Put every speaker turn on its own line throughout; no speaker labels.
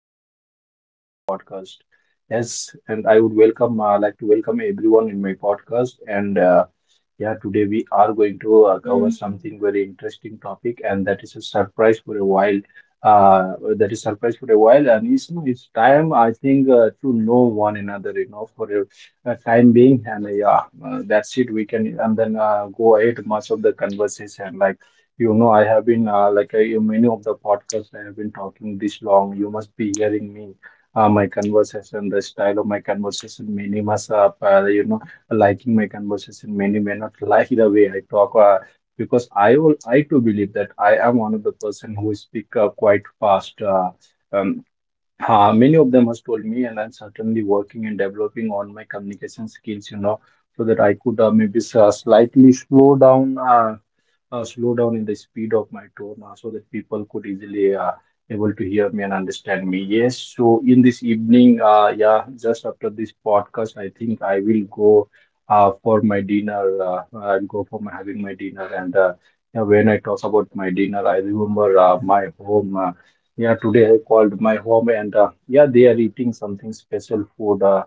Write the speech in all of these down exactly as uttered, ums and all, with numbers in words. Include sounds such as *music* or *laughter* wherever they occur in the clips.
and I'm back with another podcast. Yes, and I would welcome, uh, like to welcome everyone in my podcast. And uh, yeah, today we are going to uh, cover Mm. something very interesting topic, and that is a surprise for a while. Uh, that is surprise for a while, and it's it's time I think uh, to know one another, you know, for a, a time being. And uh, yeah, uh, that's it. We can and then uh, go ahead much of the conversation like. You know, I have been uh, like I, in many of the podcasts I have been talking this long. You must be hearing me, uh, my conversation, the style of my conversation. Many must, uh, uh, you know, liking my conversation. Many may not like the way I talk, uh, because I will, I too believe that I am one of the person who speak uh, quite fast. Uh, um, uh, many of them has told me, and I'm certainly working and developing on my communication skills. You know, so that I could uh, maybe s- uh, slightly slow down. Uh, uh, slow down in the speed of my tone uh, so that people could easily uh, able to hear me and understand me. Yes, so in this evening, uh, yeah, just after this podcast, I think I will go uh, for my dinner. Uh, I'll go for my having my dinner, and uh, yeah, when I talk about my dinner, I remember uh, my home. Uh, yeah, today I called my home, and uh, yeah, they are eating something special food. Uh,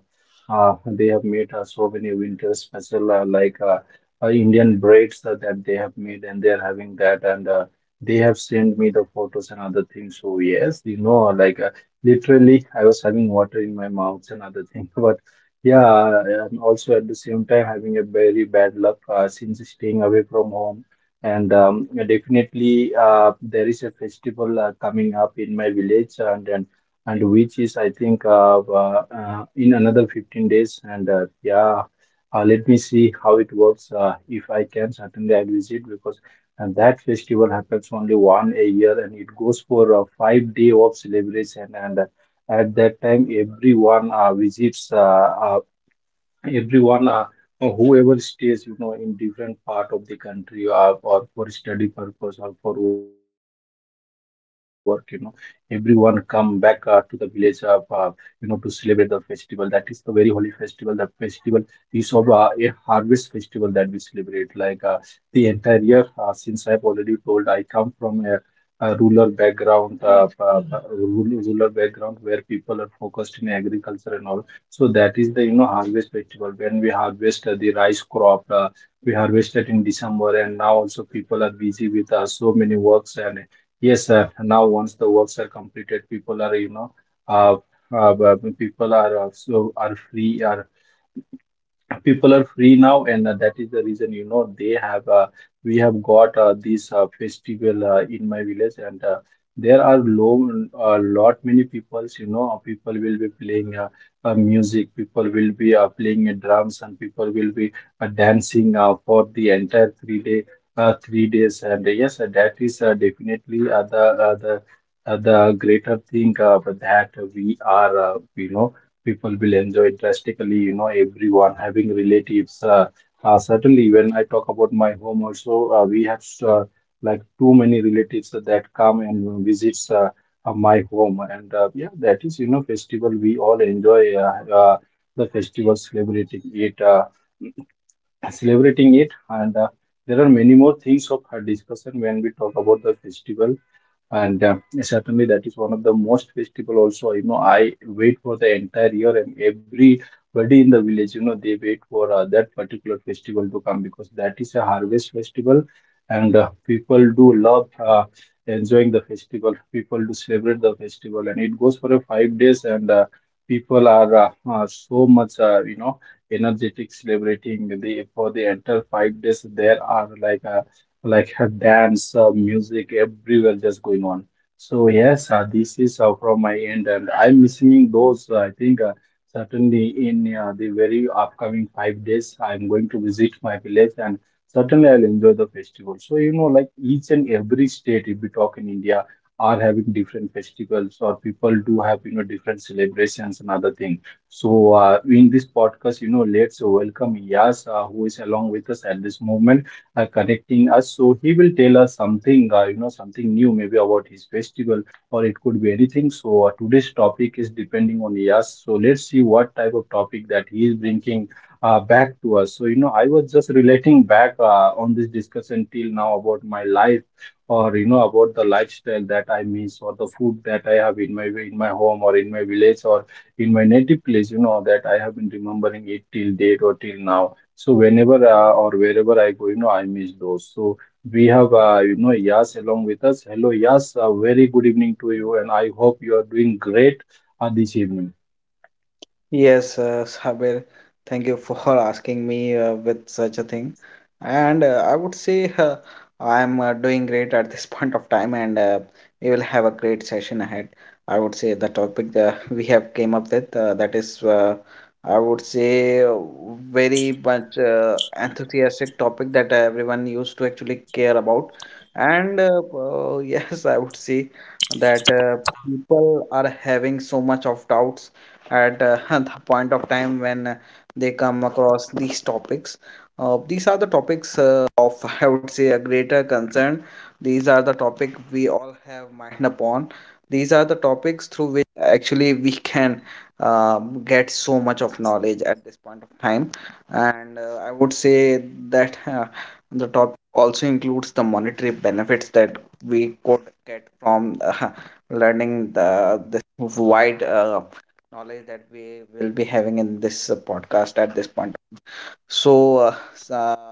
uh, they have made uh, so many winter special uh, like. Uh, uh, Indian breads uh, that they have made and they're having that and uh, they have sent me the photos and other things. So yes, you know, like uh, literally I was having water in my mouth and other thing. *laughs* But yeah, and also at the same time having a very bad luck uh, since staying away from home. And um, definitely uh, there is a festival uh, coming up in my village and and, and which is I think uh, uh, uh, in another fifteen days and uh, yeah uh, let me see how it works. Uh, if I can, certainly I'll visit because uh, that festival happens only one a year and it goes for a five day of celebration. And uh, at that time, everyone uh, visits. Uh, uh, everyone uh, uh, whoever stays you know in different part of the country or, or for study purpose or for work, you know, everyone come back uh, to the village of uh, you know to celebrate the festival. That is the very holy festival. The festival is of uh, a harvest festival that we celebrate like uh, the entire year. uh, since I've already told, I come from a, a rural background, uh, uh, uh, rural rural background where people are focused in agriculture and all. So that is the, you know, harvest festival when we harvest uh, the rice crop. Uh, we harvested in December, and now also people are busy with uh, so many works. And yes, uh, now once the works are completed, people are, you know, uh, uh, b- people are uh, so are free. Are people are free now, and uh, that is the reason, you know, they have uh, we have got uh, this uh, festival uh, in my village, and uh, there are low uh, lot many peoples, you know. Uh, people will be playing uh, uh, music. People will be uh, playing uh, drums, and people will be uh, dancing uh, for the entire three day uh, three days. And uh, yes uh, that is uh, definitely uh, the uh, the uh, the greater thing uh, that we are uh, you know, people will enjoy it drastically. You know, everyone having relatives. uh, uh, certainly when I talk about my home also, uh, we have uh, like too many relatives that come and visits uh, uh, my home. And uh, yeah, that is, you know, festival we all enjoy uh, uh, the festival, celebrating it uh, *clears throat* celebrating it. And uh, there are many more things of uh, discussion when we talk about the festival. And uh, certainly that is one of the most festival also. You know, I wait for the entire year, and everybody in the village, you know, they wait for uh, that particular festival to come because that is a harvest festival. And uh, people do love uh, enjoying the festival. People do celebrate the festival, and it goes for a five days. And uh, people are uh, uh, so much, uh, you know, energetic celebrating the for the entire five days. There are like uh, like her dance, uh, music, everywhere just going on. So yes, uh, this is uh, from my end, and I'm missing those. Uh, I think uh, certainly in uh, the very upcoming five days, I'm going to visit my village, and certainly I'll enjoy the festival. So you know, like each and every state, if we talk in India, are having different festivals, or people do have, you know, different celebrations and other things. So uh, in this podcast, you know, let's welcome Yas, uh, who is along with us at this moment uh, connecting us. So he will tell us something, uh, you know, something new, maybe about his festival, or it could be anything. So uh, today's topic is depending on us. So let's see what type of topic that he is bringing uh, back to us. So you know, I was just relating back uh, on this discussion till now about my life, or you know, about the lifestyle that I miss, or the food that I have in my in my home, or in my village, or in my native place. You know, that I have been remembering it till date or till now. So whenever uh, or wherever I go, you know, I miss those. So we have, uh, you know, Yas along with us. Hello, Yas. A very good evening to you, and I hope you are doing great uh, this evening.
Yes, uh, Sabir, thank you for *laughs* asking me uh, with such a thing. And uh, I would say uh, I'm uh, doing great at this *laughs* point of time, and uh, we will have a great session ahead. I would say the topic uh, *laughs* we have came up with, uh, that is, uh, I would say, uh, very much uh, enthusiastic topic that everyone used to actually care about. And uh, uh, *laughs* yes, I would say that uh, people are having so much of doubts at uh, *laughs* the point of time when they come across these topics. Uh, these are the topics uh, of, *laughs* I would say, a greater concern. These are the topic we all have mind upon. These are the topics through which actually we can um, get so much of knowledge at this point of time. And uh, I would say that *laughs* uh, the topic also includes the monetary benefits that we could get from uh, *laughs* learning the this wide uh, knowledge that we will be having in this uh, podcast at this point. So, uh, uh,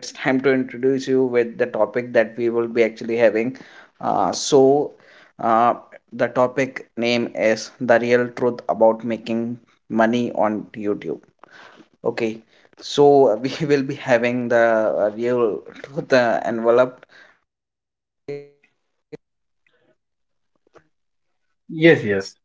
it's time to introduce you with the topic that we will be actually having. Uh, so, uh, the topic name is The Real Truth About Making Money on YouTube. Okay, so we *laughs* will be having the uh, real truth uh, enveloped.
Yes, yes.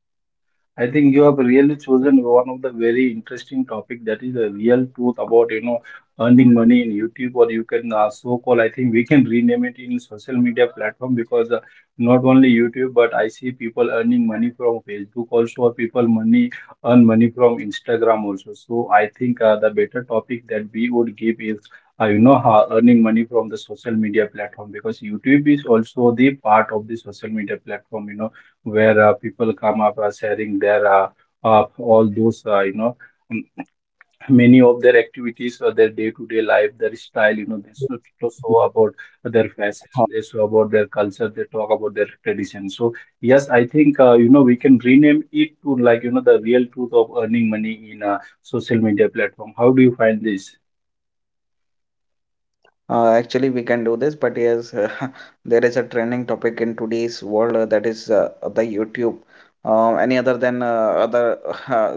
I think you have really chosen one of the very interesting topic, that is the real truth about, you know, earning money in YouTube. Or you can uh, so call, I think we can rename it in social media platform, because uh, not only YouTube, but I see people earning money from Facebook also, or people money earn money from Instagram also. So I think uh, the better topic that we would give is uh, you know, how earning money from the social media platform, because YouTube is also the part of the social media platform, you know, where uh, people come up uh, sharing their uh, uh, all those uh, you know, *clears throat* m- many of their activities or their day-to-day life, their style, you know, they show, to show about their fashion, they show about their culture, they talk about their tradition. So yes, I think uh, you know, we can rename it to like, you know, the real truth of earning money in a social media platform. How do you find
Uh,
this?
actually, we can do this, but yes, *laughs* there is a trending topic in today's world, uh, that is uh, the YouTube. Um, any other than uh, other *laughs* uh, social media networks?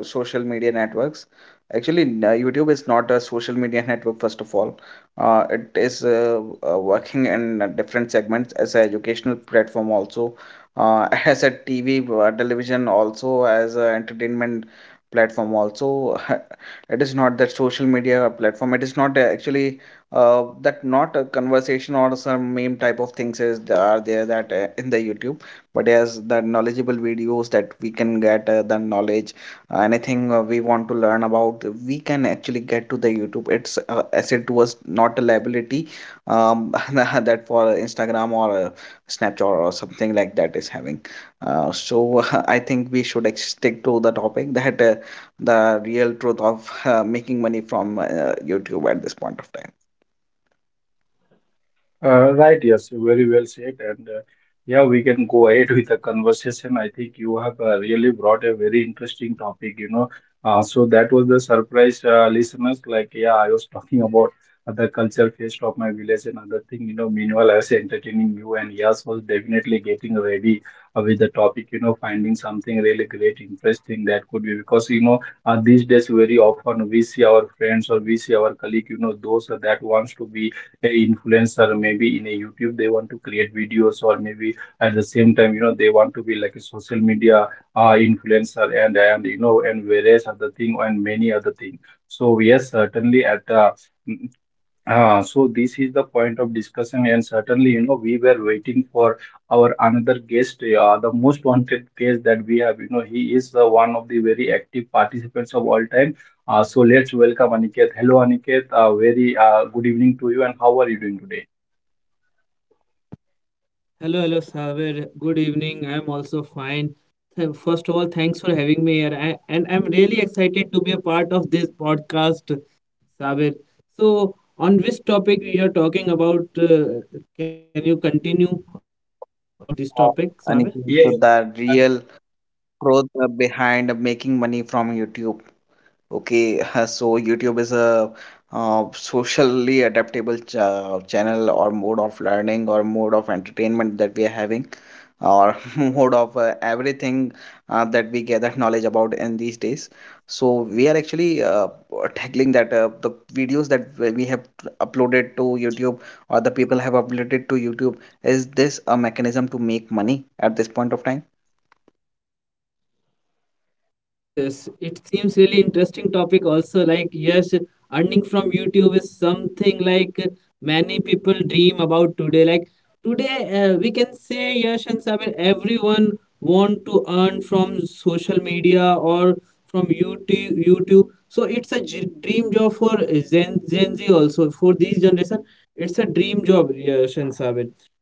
Actually, n- uh, YouTube is not a social media *laughs* network, first of all. Uh, it is uh, uh, working in uh, different segments as an educational platform, also, uh, *laughs* as a T V, uh, television, also as an entertainment platform, also. *laughs* It is not that social media platform. It is not uh, actually uh, that, not a conversation or some meme type of things, is th- are there, that uh, in the youtube, but as the knowledgeable videos that we can get uh, the knowledge, uh, anything uh, we want to learn about, we can actually get to the youtube. It's uh, asset to us, not a liability. um, *laughs* that, for Instagram or uh, Snapchat or something like that, is having uh, so *laughs* I think we should ex- stick to the topic, that uh, the real truth of uh, making money from uh, YouTube at this point of time.
Uh, right, yes, very well said. And uh, yeah, we can go ahead with the conversation. I think you have uh, really brought a very interesting topic, you know. Uh, so that was the surprise, uh, listeners. Like, yeah, I was *laughs* talking about the culture fest of my village and other thing, you know. Meanwhile, I was entertaining you, and yes, was definitely getting ready uh, with the topic, you know, finding something really great, interesting that could be, because, you know, uh, these days, very often we see our friends, or we see our colleague, you know, those that wants to be a influencer, maybe in a youtube, they want to create videos, or maybe at the same time, you know, they want to be like a social media uh, influencer, and and you know, and various other thing, and many other thing. So yes, certainly at uh, ah, so this is the point of discussion, and certainly, you know, we were waiting for our another guest, uh, the most wanted guest that we have. You know, he is uh, one of the very active participants of all time. Uh, so let's welcome Aniket. Hello, Aniket. Uh, very uh, good evening to you, and how are you doing
Hello, hello, Saber. Good evening. I'm also fine. Th- First of all, thanks for having me here. I, and I'm really excited to be a part of this podcast, Saber. So, on which topic we are talking about, uh, can you continue about this topic, Saber?
And if you look
today?
the real truth behind making money from YouTube. Okay, *laughs* so YouTube is a uh, socially adaptable ch channel or mode of learning or mode of entertainment that we are having, uh, or *laughs* mode of uh, everything uh, that we gather knowledge about in these days. So we are actually uh, tackling that, uh, the videos that we we have uploaded to YouTube or the people have uploaded to YouTube. Is this a mechanism to make money at this point of time?
Yes, yes. It seems really interesting topic also. Like, yes, earning from YouTube is something like many people dream about today. Like today, uh, we can say yes and Sabir, everyone want to earn from social media or from YouTube. YouTube. So it's a j- dream job for Gen, Gen Z also. For this generation, it's a dream job, yes and Sabir.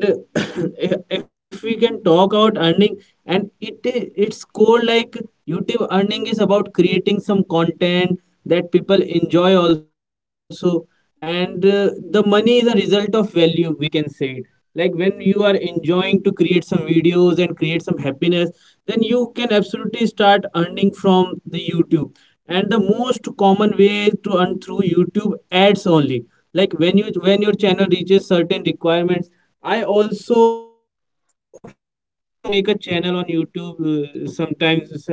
And *coughs* if if we can talk about earning, and it it's called like YouTube earning is about creating some content that people enjoy also, and uh, the money is a result of value, we can say it. Like when you are enjoying to create some videos and create some happiness, then you can absolutely start earning from the YouTube. And the most common way to earn through YouTube ads only. Like when you when your channel reaches certain requirements, I also *laughs* I also make a channel on YouTube uh, sometimes. It's a-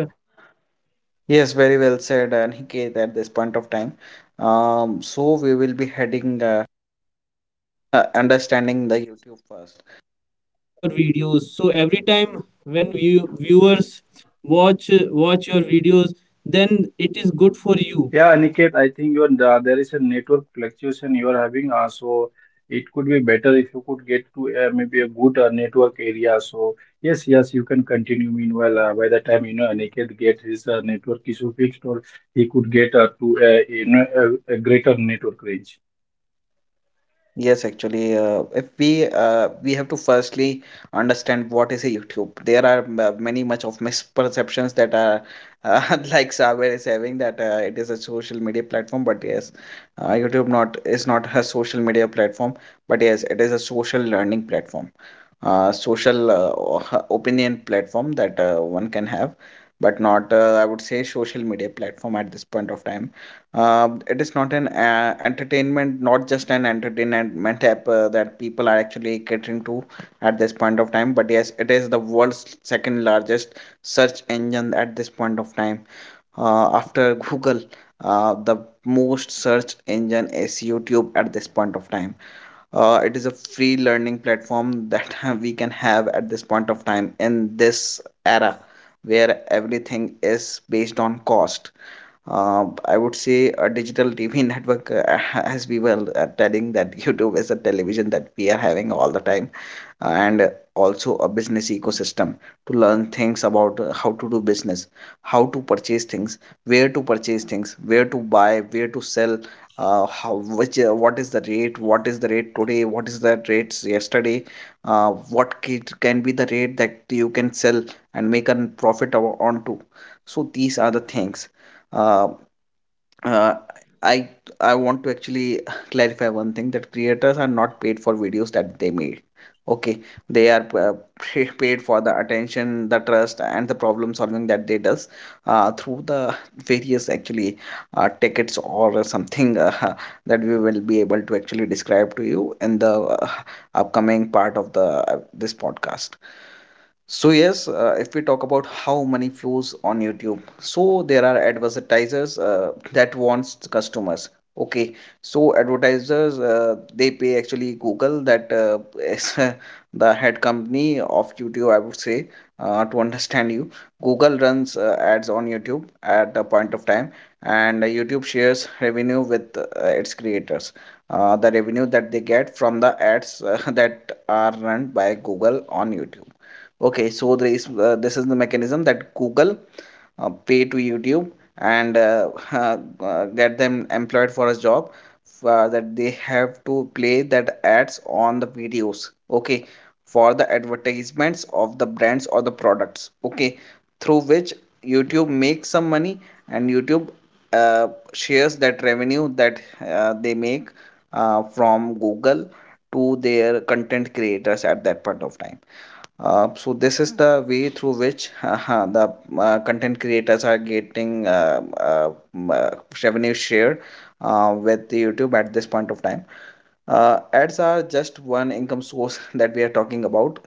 before before a while,
Yes, very
yes,
well said, uh,
so
Aniket, at
when
this
your
point of
channel
time.
reaches certain requirements
Um,
like
so we
enough
will be
subscriber
heading, uh, uh,
and some
understanding
watch
the
watch
YouTube first.
hours, then ads start appearing on your videos. So every time when view, viewers watch watch your videos, then it is good for you.
Yeah, Aniket, I think you're, the- there is a network fluctuation you are having, uh, so it could be better if you could get to uh, maybe a good uh, network area. So yes, yes, you can continue. Meanwhile, uh, by the time you know Aniket gets his uh, network issue fixed, or he could get uh, to uh, you know a, a greater network range.
Yes, actually, uh, if we uh, we have to firstly understand what is a YouTube. There are m- many much of misperceptions that are, uh, *laughs* like Saber is having, that uh, it is a social media platform, but yes, uh, YouTube not is not a social media platform, but yes, it is a social learning platform, uh, social, uh, o- *laughs* opinion platform that uh, one can have, but not, uh, I would say, social media platform at this point of time. Uh, it is not an uh, entertainment, not just an entertainment app uh, that people are actually catering to at this point of time, but yes, it is the world's second largest search engine at this point of time, uh, after Google. Uh, the most searched engine is youtube at this point of time. Uh, it is a free learning platform that *laughs* we can have at this point of time in this era where everything is based on cost. uh, I would say a digital T V network, uh, *laughs* as we were uh, telling that *laughs* YouTube is a television that we are having all the time, and also a business ecosystem to learn things about, uh, how to do business, how to purchase things, where to purchase things, where to buy, where to sell, uh, how which uh, what is the rate, what is the rate today, what is the rates yesterday, uh, what ca- can be the rate that you can sell and make a profit o- on to. So these are the things. Uh, uh, I I want to actually *sighs* *laughs* clarify one thing, that creators are not paid for videos that they made. Okay, they are uh, *laughs* paid for the attention, the trust, and the problem solving that they does, uh, through the various, actually, uh, tickets or something, uh, *laughs* that we will be able to actually describe to you in the uh, *laughs* upcoming part of the uh, this podcast. So yes, uh, if we talk about how money flows on YouTube, so there are advertisers uh, that wants the customers. Okay, so advertisers, uh, they pay actually Google, that uh, *laughs* is, uh, the head company of YouTube. I would say, uh, to understand you, Google runs uh, ads on YouTube at the point of time, and uh, YouTube shares revenue with, uh, its creators. Uh, the revenue that they get from the ads, uh, *laughs* that are run by Google on YouTube. Okay, so there is uh, this is the mechanism that Google, uh, pay to YouTube and uh, *laughs* uh, uh, get them employed for a job, uh, that they have to play that ads on the videos. Okay, for the advertisements of the brands or the products. Okay, through which YouTube makes some money, and YouTube uh, shares that revenue that uh, they make uh, from Google to their content creators at that point of time. Uh, so this is the way through which *laughs* uh, the uh, content creators are getting uh, uh, m- uh, revenue share uh, with the YouTube at this point of time. Uh, ads are just one income source *laughs* that we are talking about.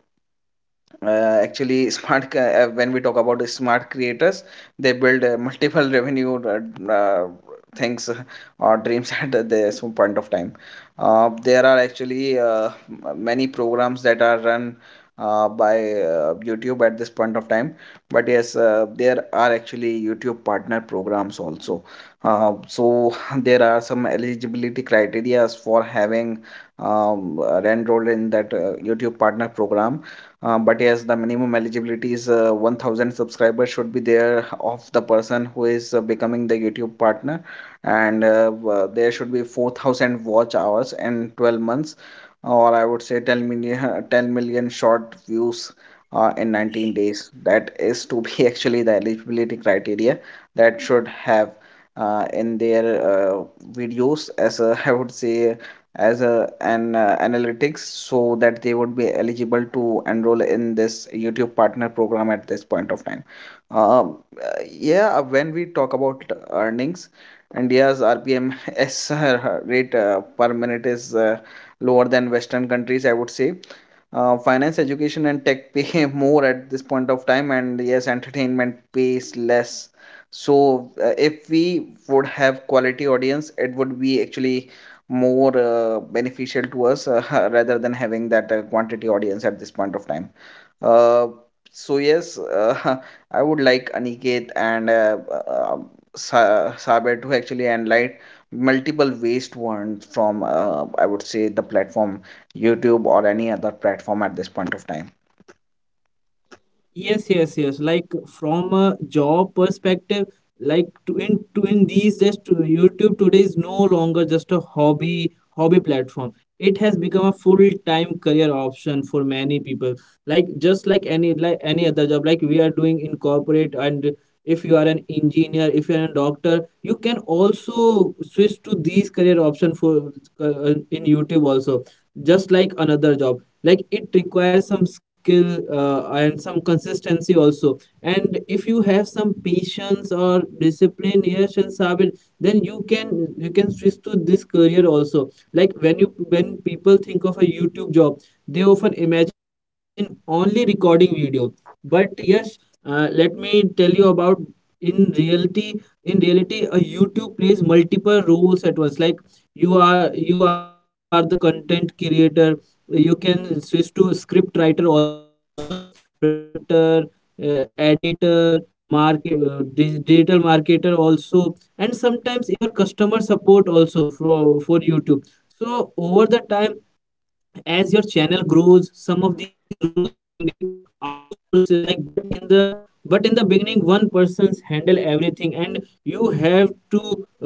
uh, Actually, *laughs* smart ca- uh, when we talk about smart creators, they build uh, multiple *laughs* revenue, uh, uh, things, uh, or dreams, *laughs* at this point of time. Uh, there are actually uh, many programs that are run uh, by uh, youtube at this point of time, but yes, uh, there are actually youtube partner programs also. Uh, so *laughs* there are some eligibility criteria for having um, uh, enrolled in that uh, youtube partner program. Uh, but yes, the minimum eligibility is, uh, one thousand subscribers should be there of the person who is uh, becoming the YouTube partner, and uh, w- there should be four thousand watch hours in twelve months, or I would say ten million, *laughs* ten million short views uh, in nineteen days. That is to be *laughs* actually the eligibility criteria that should have uh, in their uh, videos, as, uh, *laughs* I would say, as a an uh, analytics, so that they would be eligible to enroll in this YouTube partner program at this point of time. Um, uh, yeah, uh, when we talk about earnings, India's R P M *laughs* S rate uh, per minute is, uh, lower than Western countries, I would say. Uh, finance, education, and tech pay *laughs* more at this point of time, and yes, entertainment pays less. So, uh, if we would have quality audience, it would be actually more uh, beneficial to us, uh, *laughs* rather than having that uh, quantity audience at this point of time. Uh, so yes, uh, *laughs* I would like Aniket and uh, uh, Sa- Saber to actually enlight multiple ways to earn from, uh, I would say, the platform YouTube or any other platform at this point of time.
Yes, yes, yes. Like from a job perspective, like to in to in these days, to YouTube today is no longer just a hobby hobby platform. It has become a full-time career option for many people. Like just like any like any other job, like we are doing in corporate, and if you are an engineer, if you are a doctor, you can also switch to these career option for uh, in YouTube also, just like another job. Like it requires some skill uh, and some consistency also, and if you have some patience or discipline, yes and Sabir, then you can you can switch to this career also. Like when you when people think of a YouTube job, they often imagine only recording video. But yes, uh, let me tell you about in reality. In reality a YouTube plays multiple roles at once. Like you are you are the content creator, you can switch to script writer also, presenter, uh, editor, market uh, dig- digital marketer also, and sometimes even customer support also for for YouTube. So over the time, as your channel grows, some of these roles can be outsourced. Like but in the but in the beginning, one person's handle everything, and you have to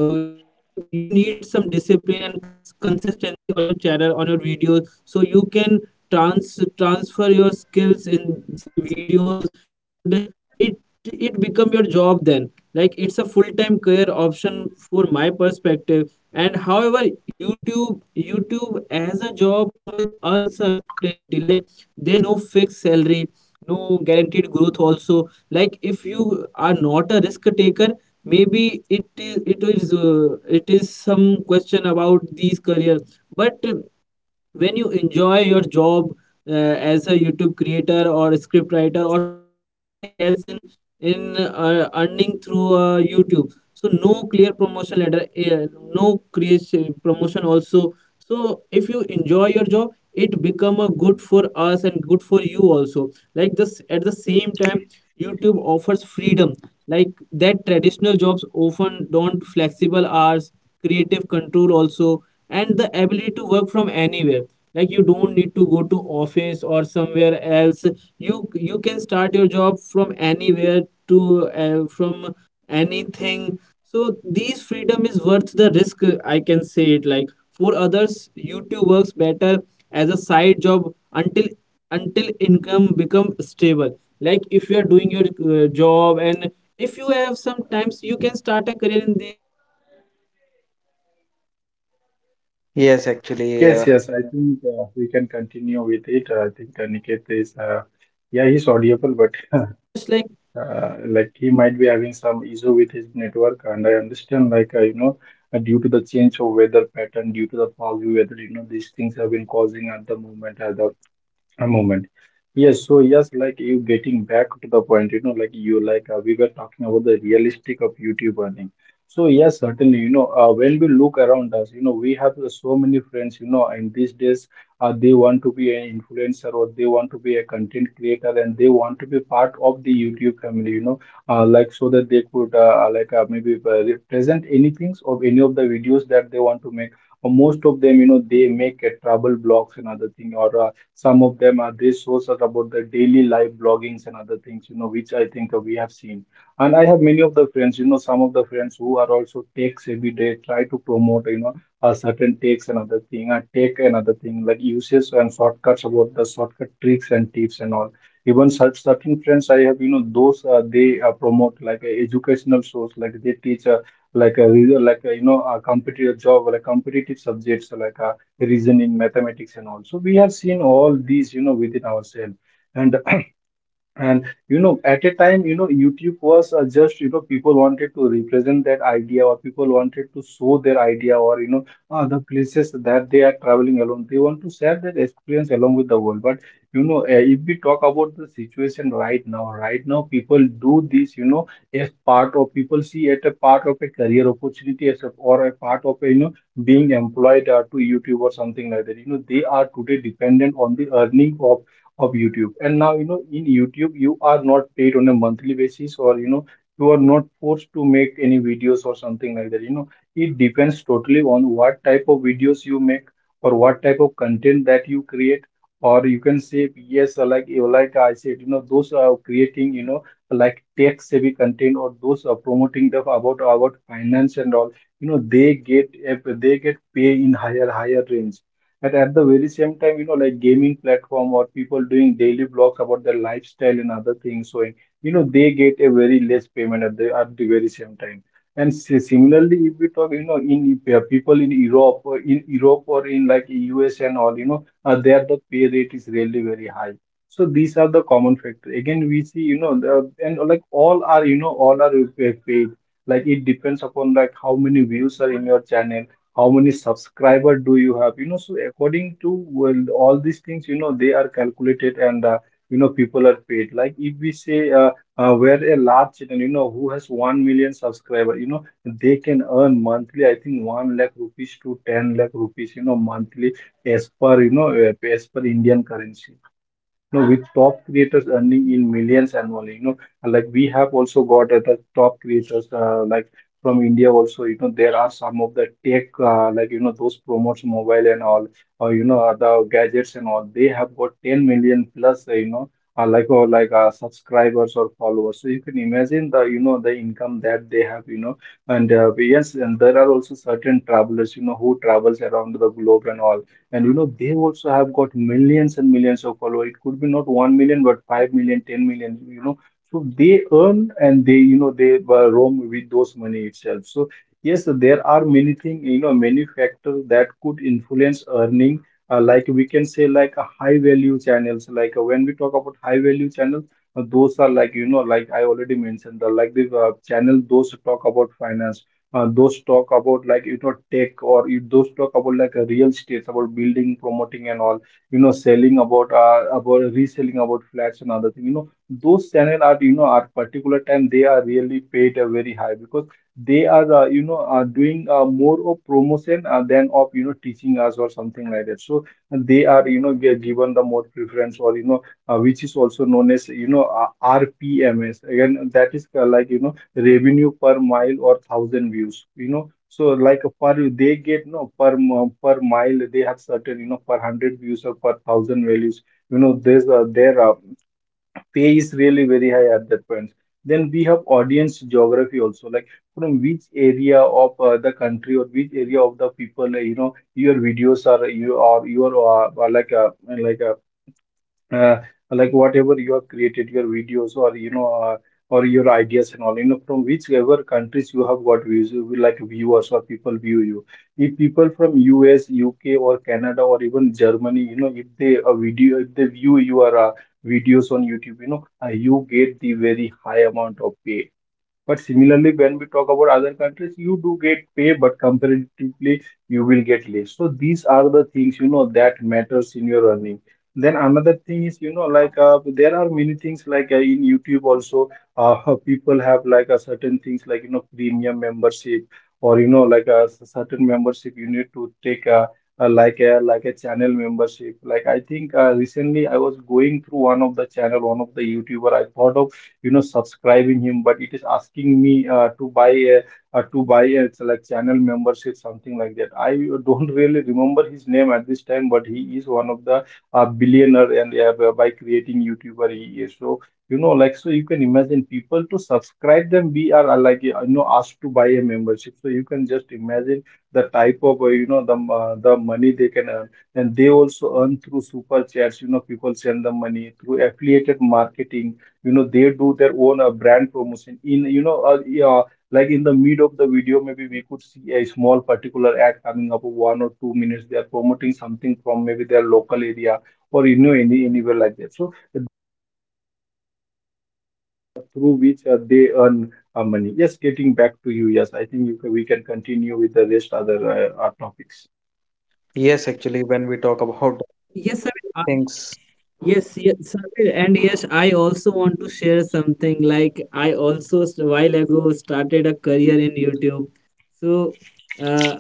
uh, you have you need some discipline and cons- consistency on your channel, on your videos, so you can trans transfer your skills in some videos, and it it become your job then. Like it's a full time career option for my perspective. And however, youtube youtube as a job come with uncertainty. Like there is no fixed salary, no guaranteed growth also. Like if you are not a risk taker, maybe it is it is uh, it is some question about these career. But when you enjoy your job, uh, as a YouTube creator or script writer or something else in in uh, earning through uh, YouTube, so no clear promotion letter, uh, no creation promotion also. So if you enjoy your job, it become a good for us and good for you also. Like this, at the same time, YouTube offers freedom like that traditional jobs often don't. Flexible hours, creative control also, and the ability to work from anywhere. Like you don't need to go to office or somewhere else, you you can start your job from anywhere, to uh, from anything. So these freedom is worth the risk, uh, I can say it. Like for others, YouTube works better as a side job until until income become stable. Like if you are doing your uh, job, and if you have sometimes, you can start a career in the in these. Like you can start some, create a content, make
Yes,
some
actually,
videos
uh,
Yes, yes, I
that is
think uh,
funny,
we can
and it
continue with it.
uh,
I
it
think
can
Aniket
anything.
is
Like
uh,
in the
yeah,
end,
he's
I can
audible, but
say
*laughs*
yes. Like
uh, like he might be having some issue with his network, and I understand, like uh, you know, uh, due to the change of weather pattern, due to the foggy weather, you know, these things have been causing at the moment, uh, the a moment. Yes, so yes, like, you getting back to the point, you know, like, you like uh, we were talking about the realistic of YouTube earning. So yes, certainly, you know, uh, when we look around us, you know, we have uh, so many friends, you know, and these days, uh, they want to be an influencer, or they want to be a content creator, and they want to be part of the YouTube family, you know, uh, like, so that they could uh, like uh, maybe uh, present anything of any of the videos that they want to make. Or most of them, you know, they make a travel blogs and other thing or. Uh, some of them are resources about the daily life bloggings and other things, you know, which I think uh, we have seen. And I have many of the friends, you know, some of the friends who are also takes every day try to promote, you know, a certain takes another thing, and take another thing, like uses and shortcuts about the shortcut tricks and tips and all. Even such certain friends I have, you know, those uh, they uh, promote like a educational source, like they teach uh, like a re- like a, you know, a competitive job, like competitive subjects, like a reasoning mathematics, and also we have seen all these, you know, within ourselves. And and You know, at a time, you know, YouTube was uh, just, you know, people wanted to represent that idea, or people wanted to show their idea, or, you know, uh, the places that they are traveling alone. They want to share that experience along with the world. But, you know, uh,
yes, yes.
if we talk about the situation right now, right now, people do this, you know, as part of, people see it a part of a career opportunity as a, or a part of a, you know, being employed uh, to YouTube or something like that. You know, they are today dependent on the earning of of YouTube. And now, you know, in YouTube, you are not paid on a monthly basis, or, you know, you are not forced to make any videos or something like that. You know, it depends totally on what type of videos you make, or what type of content that you create. Or you can say, yes, uh, like you- like I said, you know, those are creating, you know, like tech-savvy content, or those are promoting the about about finance and all, you know, they get, they get pay in higher higher range. And at the very same time, you know, like gaming platform or people doing daily blogs about their lifestyle and other things, so, you know, they get a very less payment at the at the very same time. And si- similarly, if we talk, you know, in uh, people in Europe, or in Europe or in like U S and all, you know, uh, there the pay rate is really very high. So these are the common factor. Again, we see, you know, the, and like all are, you know, all are uh, paid. Like it depends upon like how many views are in your channel, how many subscriber do you have, you know, so according to, well, all these things, you know, they are calculated. And uh, you know, people are paid. Like if we say uh, uh, where a large channel, you know, who has one million subscriber, you know, they can earn monthly, I think, one lakh rupees to ten lakh rupees, you know, monthly, as per, you know, uh, as per Indian currency, you know, with top creators earning in millions annually. You know, and like we have also got uh, the top creators uh, like from India also. You know, there are some of the tech uh, like, you know, those promotes mobile and all, or you know, other gadgets and all. They have got ten million plus. Uh, you know. Uh, like, or like uh, subscribers or followers, so you can imagine the, you know, the income that they have, you know. And uh, yes, and there are also certain travelers, you know, who travels around the globe and all, and you know, they also have got millions and millions of followers. It could be not one million, but five million, ten million. You know. So they earn, and they, you know, they uh, roam with those money itself. So yes, there are many things, you know, many factors that could influence earning. Uh, like we can say like a high value channels, like uh, when we talk about high value channels, uh, those are like, you know, like I already mentioned, the, like the uh, channel, those talk about finance, uh, those talk about like, you know, tech, or you, those talk about like a real estate, about building promoting and all, you know, selling about uh, about reselling, about flats and other thing, you know, those channel are, you know, at particular time they are really paid uh, very high, because they are, uh, you know, are doing uh, more of promotion uh, than of, you know, teaching us or something like that. So uh, they are, you know, gi- given the more preference, or you know, uh, which is also known as, you know, uh, R P Ms, again, that is uh, like, you know, revenue per mile or thousand views, you know. So like a per, they get, no per mo- per mile, they have certain, you know, per hundred views or per thousand values, you know, there's uh, their uh, pay is really very high at that point. Then we have audience geography also, like from which area of uh, the country, or which area of the people, uh, you know, your videos are, you or your uh, are like a, like a, uh, like, whatever you have created your videos, or you know, uh, or your ideas and all, you know, from whichever countries you have got views, you will like, viewers or people view you. If people from U S, U K, or Canada, or even Germany, you know, if they a video, if they view your uh, videos on YouTube, you know, uh, you get the very high amount of pay. But similarly, when we talk about other countries, you do get pay, but comparatively, you will get less. So these are the things, you know, that matters in your earning. Then another thing is, you know, like uh, there are many things like uh, in YouTube also, uh, *laughs* people have like a certain things, like, you know, premium membership, or, you know, like a s- certain membership you need to take a, a like a like a channel membership. Like, I think uh, recently I was going through one of the channel, one of the YouTuber. I thought of, you know, subscribing him, but it is asking me uh, to buy a uh, to buy a, it's like channel membership, something like that. I don't really remember his name at this time, but he is one of the uh, billionaire, and uh, by creating YouTuber he is so, you know, like, so you can imagine, people to subscribe them we are uh, like uh, you know, asked to buy a membership, so you can just imagine the type of, uh, you know, the uh, the money they can earn. And they also earn through super chats, you know, people send them money through affiliated marketing, you know, they do their own uh, brand promotion in, you know, uh, yeah, like in the mid of the video, maybe we could see a small particular ad coming up of one or two minutes, they are promoting something from maybe their local area, or, you know, any anywhere like that. So through which uh, they earn uh, money. Yes, getting back to you. Yes, I think you can, we can continue with the rest other uh, uh, topics.
yes, actually, when we talk about
Yes, sir. Uh,
things,
yes, yes, sir. And yes, I also want to share something. Like I also s- while ago started a career in YouTube. So, uh,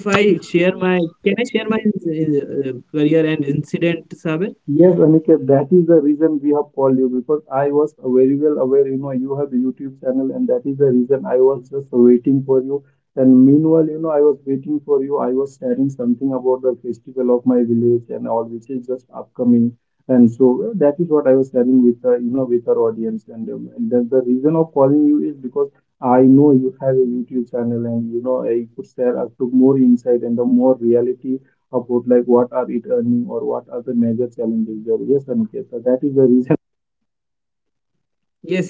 if I share my, can I share my uh, career and incident, sir?
Yes, Aniket, that is the reason we have called you, because I was very well aware, you know, you have a YouTube channel, and that is the reason I was just waiting for you. And meanwhile, you know, I was waiting for you, I was sharing something about the festival of my village and all, which is just upcoming. And so that is what I was sharing with, uh, you know, with our audience. And, um, and the, the reason of calling you is because I know you have a YouTube channel and, you know, I could share us to more insight and the more reality about like what are it earning or what are the major challenges there. Yes, Aniket, so that is the reason.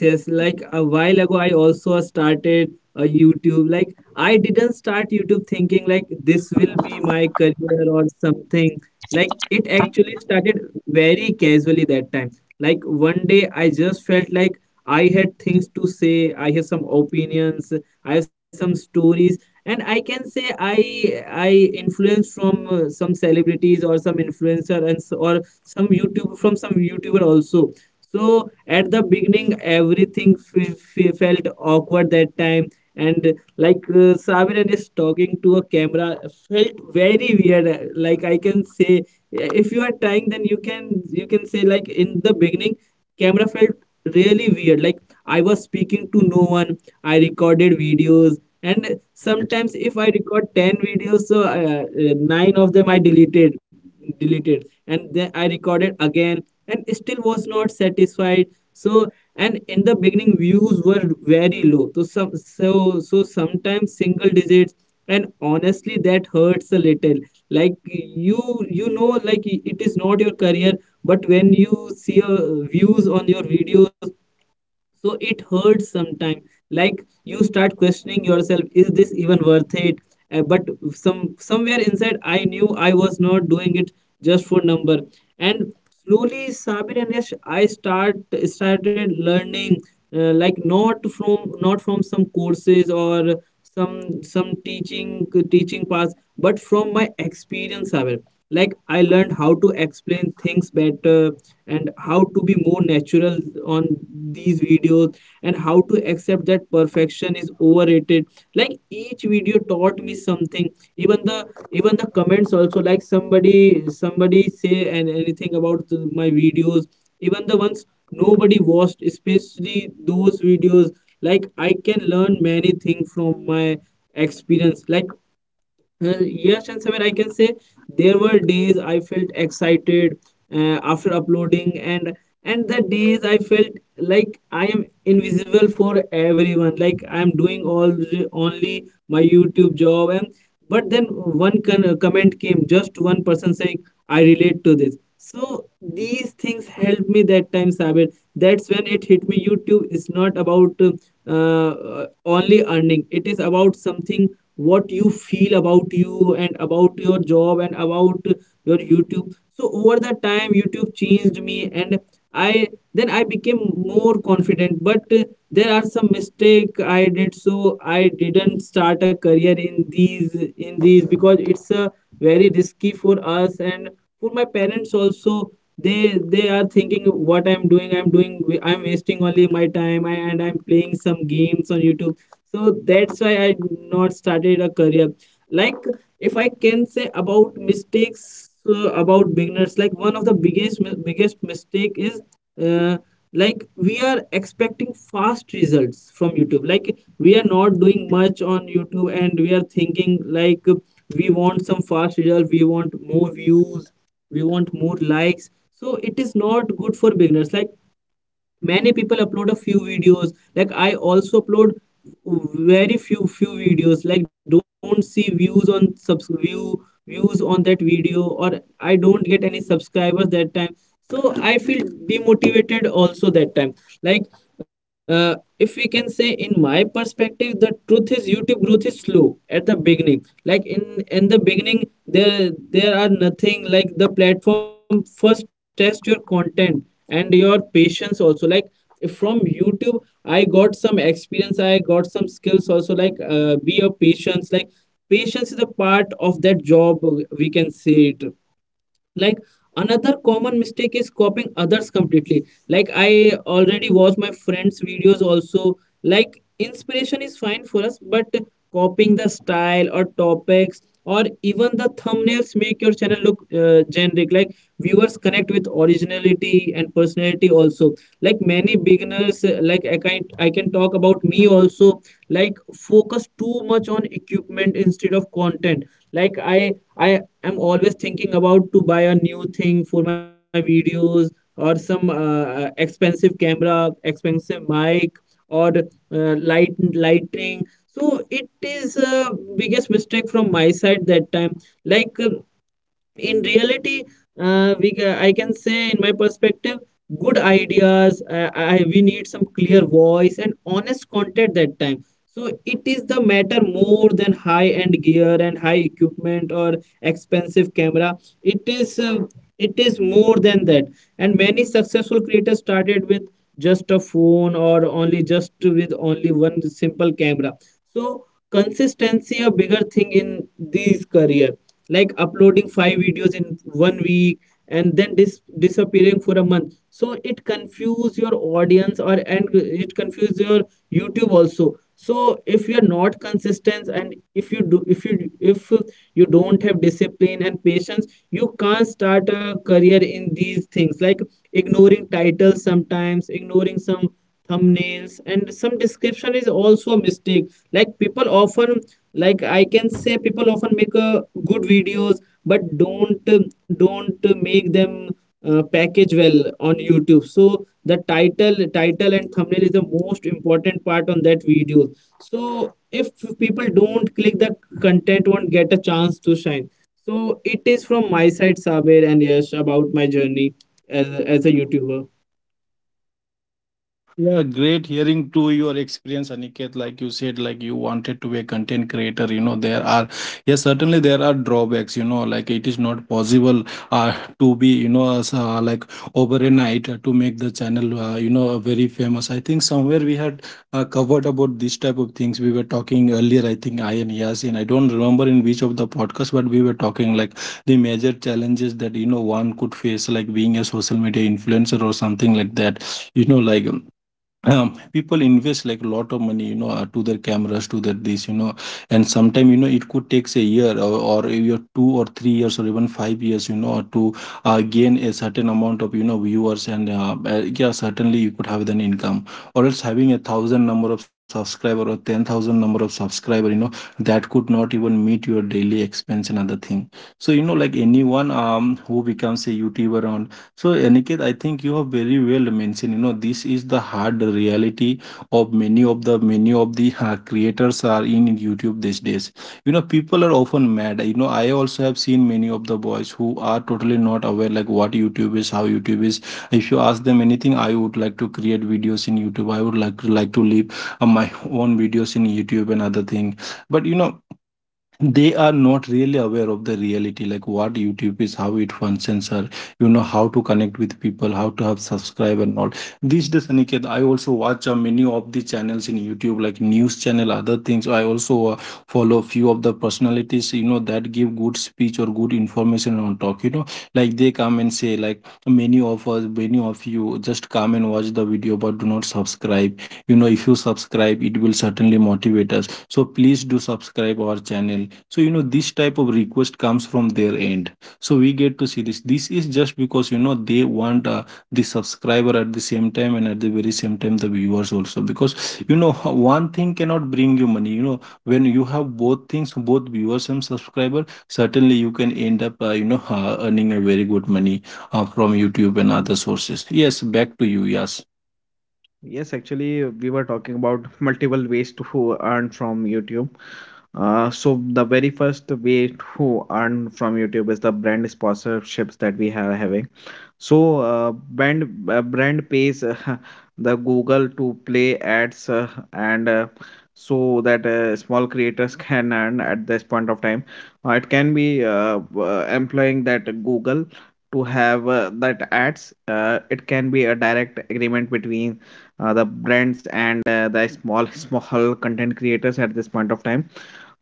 Yes, yes. Like a while ago, I also started a YouTube. Like I didn't start YouTube thinking like this will be my career or something. Like it actually started very casually that time. Like one day, I just felt like I had things to say. I have some opinions. I have some stories, and I can say I I influenced from uh, some celebrities or some influencer and s- or some YouTube from some YouTuber also. So at the beginning, everything f- f- felt awkward that time, and like uh, Sabir, just talking to a camera felt very weird. uh, Like I can say, uh, if you are trying, then you can you can say like in the beginning, camera felt really weird. Like I was speaking to no one. I recorded videos, and sometimes if I record ten videos, so uh, uh, nine of them I deleted deleted, and then I recorded again and still was not satisfied. So and in the beginning, views were very low, so some so so sometimes single digits, and honestly that hurts a little. Like you you know, like it is not your career, but when you see uh, views on your videos, so it hurts sometimes. Like you start questioning yourself, is this even worth it? Uh, but some somewhere inside I knew I was not doing it just for number. And slowly, Sabir and Yash, I start started learning, uh, like not from not from some courses or some some teaching teaching paths, but from my experience, Sabir. Like I learned how to explain things better, and how to be more natural on these videos, and how to accept that perfection is overrated. Like each video taught me something, even the even the comments also. Like somebody somebody say and anything about the- my videos, even the ones nobody watched, especially those videos. Like I can learn many things from my experience. Like uh, yes, and Samir, I can say there were days I felt excited uh, after uploading, and and the days I felt like I am invisible for everyone, like I'm doing all only my YouTube job. And but then one con- comment came, just one person saying, "I relate to this." So these things helped me that time, Sabir. That's when it hit me. YouTube is not about uh, uh, only earning; it is about something what you feel about you, and about your job, and about your YouTube. So over the time, YouTube changed me, and i then I became more confident. But uh, there are some mistake I did, so I didn't start a career in these in these, because it's a very risky for us and for my parents also. They they are thinking what i'm doing i'm doing I'm wasting only my time, I, and I'm playing some games on YouTube. So that's why I not started a career. Like if I can say about mistakes uh, about beginners, like one of the biggest mi- biggest mistake is uh, like we are expecting fast results from YouTube. Like we are not doing much on YouTube, and we are thinking like we want some fast result, we want more views, we want more likes. So it is not good for beginners. Like many people upload a few videos, like I also upload very few few videos, like don't see views on subs view views on that video, or I don't get any subscribers that time. So I feel demotivated also that time. Like uh, if we can say in my perspective, the truth is YouTube growth is slow at the beginning. Like in in the beginning, there there are nothing. Like the platform first test your content and your patience also. Like from YouTube, I got some experience, I got some skills also. Like uh, be a patience. Like patience is a part of that job, uh, we can say it. Like another common mistake is copying others completely. Like I already watch my friends videos also. Like inspiration is fine for us, but copying the style or topics or even the thumbnails make your channel look uh, generic. Like viewers connect with originality and personality also. Like many beginners, uh, like i can I can talk about me also, like focus too much on equipment instead of content. Like i I I'm always thinking about to buy a new thing for my videos, or some uh, uh, expensive camera, expensive mic, or uh, light lighting. So it is a biggest mistake from my side that time. Like uh, in reality, uh, we ca- I can say in my perspective, good ideas, uh, I, we need some clear voice and honest content that time. So it is the matter more than high end gear and high equipment or expensive camera. It is uh, it is more than that. And many successful creators started with just a phone, or only just with only one simple camera. So consistency a bigger thing in these career. Like uploading five videos in one week and then dis- disappearing for a month, so it confuse your audience or and it confuse your YouTube also. So if you are not consistent, and if you do if you if you don't have discipline and patience, you can't start a career in these things. Like ignoring titles, sometimes ignoring some thumbnails and some description is also a mistake. Like people often, like I can say people often make uh, good videos but don't don't make them uh, package well on YouTube. So the title title and thumbnail is the most important part on that video. So if people don't click, the content won't get a chance to shine. So it is from my side, Sabir, and yes about my journey as, a- as a YouTuber.
Yeah, great hearing to your experience, Aniket. Like you said, like you wanted to be a content creator. You know, there are, yes, certainly there are drawbacks. You know, like it is not possible uh, to be, you know, as, uh, like overnight uh, to make the channel, uh, you know, very famous. I think somewhere we had uh, covered about this type of things. We were talking earlier, I think I and Yasin, I don't remember in which of the podcast, but we were talking like the major challenges that, you know, one could face, like being a social media influencer or something like that. You know, like, um, people invest like a lot of money, you know, uh, to their cameras, to their this, you know. And sometimes, you know, it could takes a year or, or a year, two or three years, or even five years, you know, to uh, gain a certain amount of, you know, viewers. And uh, uh, yeah, certainly you could have an income, or else having a thousand number of subscriber or ten thousand number of subscriber, you know, that could not even meet your daily expense and other thing. So you know, like anyone um who becomes a youtuber. So, Aniket, I think you have very well mentioned, you know, this is the hard reality of many of the many of the uh, creators are in YouTube these days. You know, people are often mad. You know, I also have seen many of the boys who are totally not aware like what YouTube is, how YouTube is. If you ask them anything, I would like to create videos in YouTube. I would like like to leave uh, my *laughs* own videos in YouTube and other thing. But you know, they are not really aware of the reality like what youtube is, how it functions, or you know, how to connect with people, how to have subscribe and all. These days, Aniket, I also watch uh, many of the channels in youtube like news channel, other things. I also uh, follow few of the personalities, you know, that give good speech or good information on talk, you know, like they come and say like many of us, many of you just come and watch the video but do not subscribe. You know, if you subscribe, it will certainly motivate us, so please do subscribe our channel. So you know, this type of request comes from their end. So we get to see this. This is just because you know they want uh, the subscriber at the same time, and at the very same time the viewers also, because you know, *laughs* one thing cannot bring you money, you know. When you have both things, both viewers and subscriber, certainly you can end up uh, you know, uh, earning a very good money uh, from youtube and other sources. Yes, back to you. Yes.
yes, actually, we were talking about multiple ways to earn from YouTube. Uh, so the very first way to earn from YouTube is the brand sponsorships that we are having. So uh, brand uh, brand pays, uh, *laughs* the Google to play ads, uh, and uh, so that uh, small creators can earn at this point of time. Uh, it can be uh, uh, employing that Google to have uh, that ads. Uh, it can be a direct agreement between uh, the brands and uh, the small *laughs* small content creators at this point of time.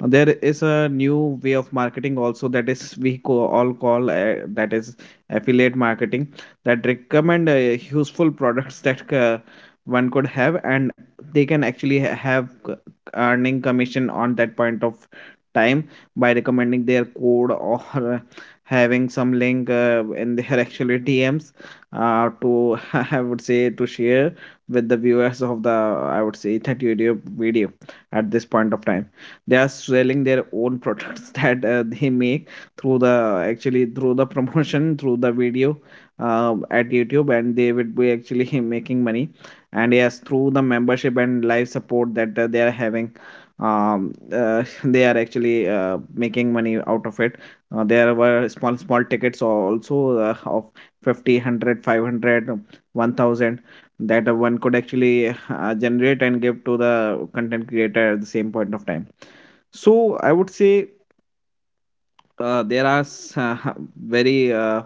uh, There is a new way of marketing also, that is we co- all call uh, that is affiliate marketing, that recommend uh, useful products *laughs* that uh, one could have, and they can actually ha- have c- earning commission on that point of time by recommending their code, or *laughs* uh, having some link uh, in their *laughs* actually D Ms uh, to *laughs* I would say to share with the viewers of the, I would say, that YouTube video at this point of time. They are selling their own products *laughs* that uh, they make through the actually through the promotion *laughs* through the video, um, at YouTube, and they would be actually *laughs* making money. And yes, through the membership and live support that uh, they are having, um, uh, *laughs* they are actually uh, making money out of it. Uh, there were small small tickets also uh, of fifty, one hundred, five hundred, one thousand, that uh, one could actually uh, generate and give to the content creator at the same point of time. So I would say uh, there are s- *laughs* very uh,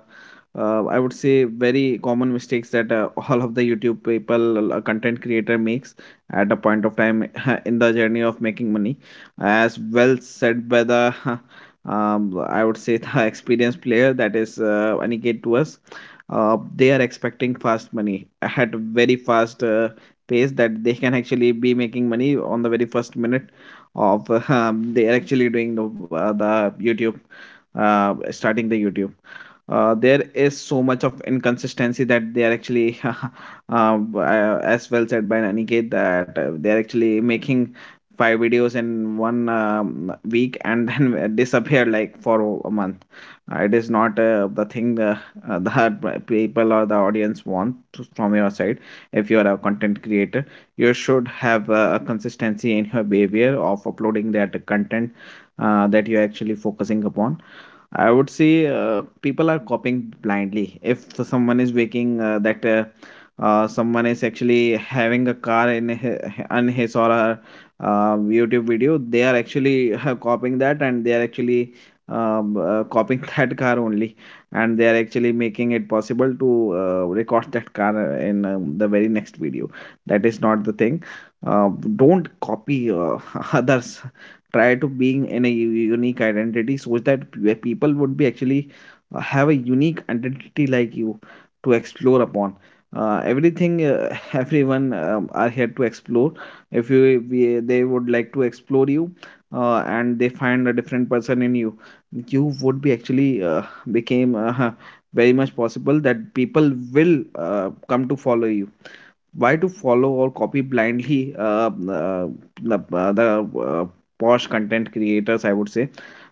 uh, I would say very common mistakes that uh, *laughs* all of the youtube people uh, content creator makes at a point of time *laughs* in the journey of making money, as well said by the *laughs* um, I would say the *laughs* experienced player, that is uh, aniket to us. Uh, they are expecting fast money at very fast uh, pace, that they can actually be making money on the very first minute of *laughs* um, they are actually doing the, uh, the youtube, uh, starting the YouTube. Uh, there is so much of inconsistency that they are actually, *laughs* uh, as well said by Aniket, that uh, they are actually making five videos in one um, week, and then *laughs* disappear like for a month. Uh, it is not uh, the thing uh, uh, that *laughs* people or the audience want to- from your side. If you are a content creator, you should have uh, a consistency in your behavior of uploading that content uh, that you're actually focusing upon. I would say uh, people are copying blindly. If someone is waking uh, that uh, uh, someone is actually having a car in hi- on his or her uh, YouTube video, they are actually *laughs* copying that, and they are actually um, uh, copying *laughs* that car only, and they are actually making it possible to uh, record that car in um, the very next video. That is not the thing. Uh, don't copy uh, *laughs* others. Try to being in a u- unique identity so that p- people would be actually uh, have a unique identity like you to explore upon uh, everything. uh, *laughs* everyone um, are here to explore. If you we, they would like to explore you, uh, and they find a different person in you, you would be actually uh, became uh, *laughs* very much possible that people will uh, come to follow you. Why to follow or copy blindly uh, uh, the, uh, the uh, posh content creators, I would say?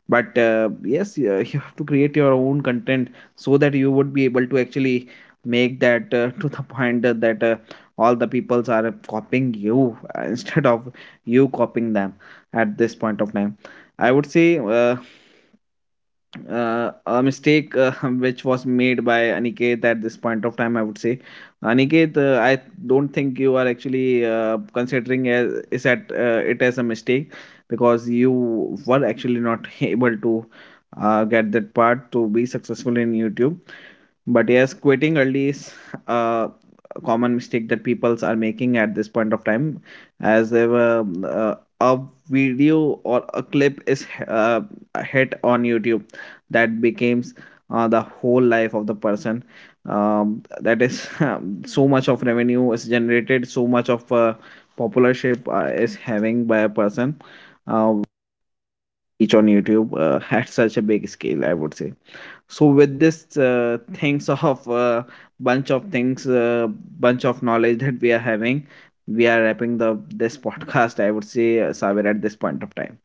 But uh, yes yeah, *laughs* you have to create your own content so that you would be able to actually make that uh, *laughs* to the point that that, uh, all the peoples are copying you, uh, *laughs* instead of you copying them at this point of time. I would say uh, uh, a mistake uh, *laughs* which was made by Aniket at this point of time, I would say. Aniket, uh, I don't think you are actually uh, considering as, is that uh, it as a mistake, because you were actually not *laughs* able to uh, get that part to be successful in YouTube. But yes, quitting early is uh, a common mistake that peoples are making at this point of time, as they were, um, uh, a video or a clip is h- uh, hit on YouTube, that becomes uh, the whole life of the person. Um, that is *laughs* um, so much of revenue is generated, so much of uh, popularship uh, is having by a person each on YouTube uh, *laughs* at such a big scale, I would say. So with this uh, things *laughs* of uh, bunch of things uh, bunch of knowledge that we are having, we are wrapping the this podcast, I would say, uh, Saber, at this point of time.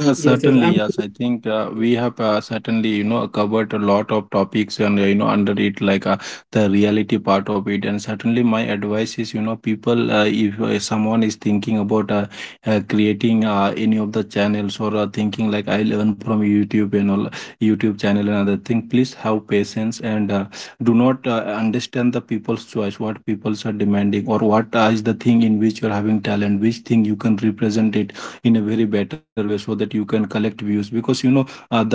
Yeah,
yes yes
certainly.
i'm
Yes, I think uh,
yes
we have uh, certainly, you know, covered a lot of topics and, uh, you know, under it, like uh, the reality part of it. And certainly, my advice is, you know, people, uh, if uh, someone is thinking about uh, uh, creating uh, any of the channels or uh, thinking like I learn from YouTube and all, YouTube channel and other thing, please have patience. And uh, do not uh, understand the people's choice, what peoples are demanding, or what uh, is the thing in which you're having talent, which thing you can represent it in a very better way so that you can collect views, because you know uh, the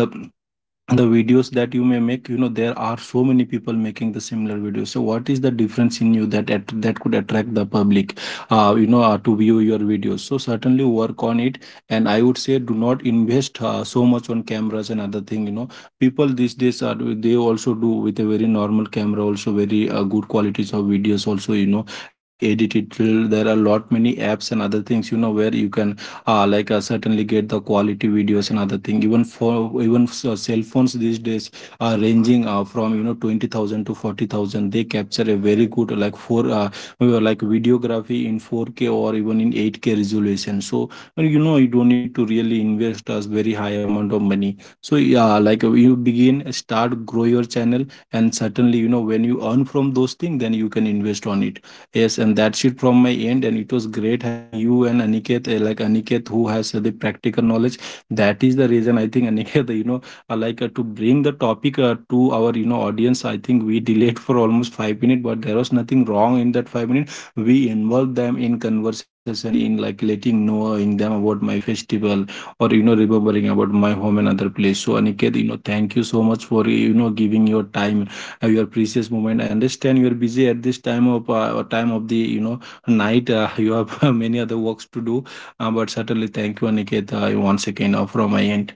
the videos that you may make, you know, there are so many people making the similar videos, so what is the difference in you that at, that could attract the public uh, you know, uh, to view your videos. So certainly work on it. And I would say do not invest uh, so much on cameras and other thing, you know, people these days are, they also do with a very normal camera also, very uh, good qualities of videos also, you know. And they edit it till, there are lot many apps and other things, you know, where you can uh, like uh, certainly get the quality videos and other thing, even for even uh, cell phones these days are ranging uh, from, you know, twenty thousand to forty thousand. They capture a very good, like for uh, uh, like videography in four k or even in eight k resolution. So uh, you know, you don't need to really invest a very high amount of money. So yeah, like uh, you begin, start, grow your channel, and certainly you know, when you earn from those things, then you can invest on it. Yes, and that's it from my end. And it was great having you and Aniket, uh, like Aniket, who has uh, the practical knowledge. That is the reason I think *laughs* Aniket, you know, uh, like uh, to bring the topic uh, to our, you know, audience. I think we delayed *laughs* for almost five minutes, but there was nothing wrong in that five minutes. We involved them in conversation, in like letting knowing them about my festival or you know, remembering about my home and other place. So Aniket, you know, thank you so much for, you know, giving your time, uh, your precious moment. I understand you are busy at this time of uh, time of the you know, night. Uh, you have *laughs* many other works to do, uh, but certainly thank you, Aniket, uh, once again uh, from my end.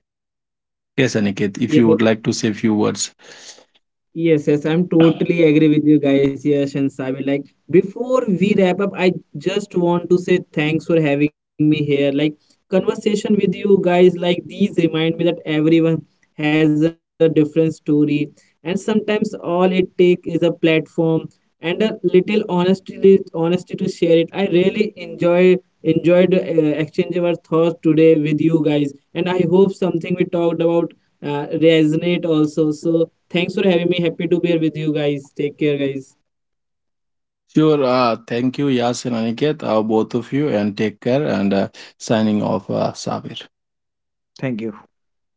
Yes, Aniket, if you would
yes.
like to say a few words.
Yes, yes, I'm totally agree with you guys, Yash and Sabi. Like before we wrap up, I just want to say thanks for having me here. Like conversation with you guys, like these remind me that everyone has a different story, and sometimes all it take is a platform and a little honesty, honesty to share it. I really enjoy enjoyed uh, exchange our thoughts today with you guys, and I hope something we talked about uh, resonate also. So thanks for having me. Happy to be here with you guys. Take care, guys.
Sure. Uh, thank you, Yas and Aniket, uh, both of you, and take care. And uh, signing off, uh, Sabir.
Thank you.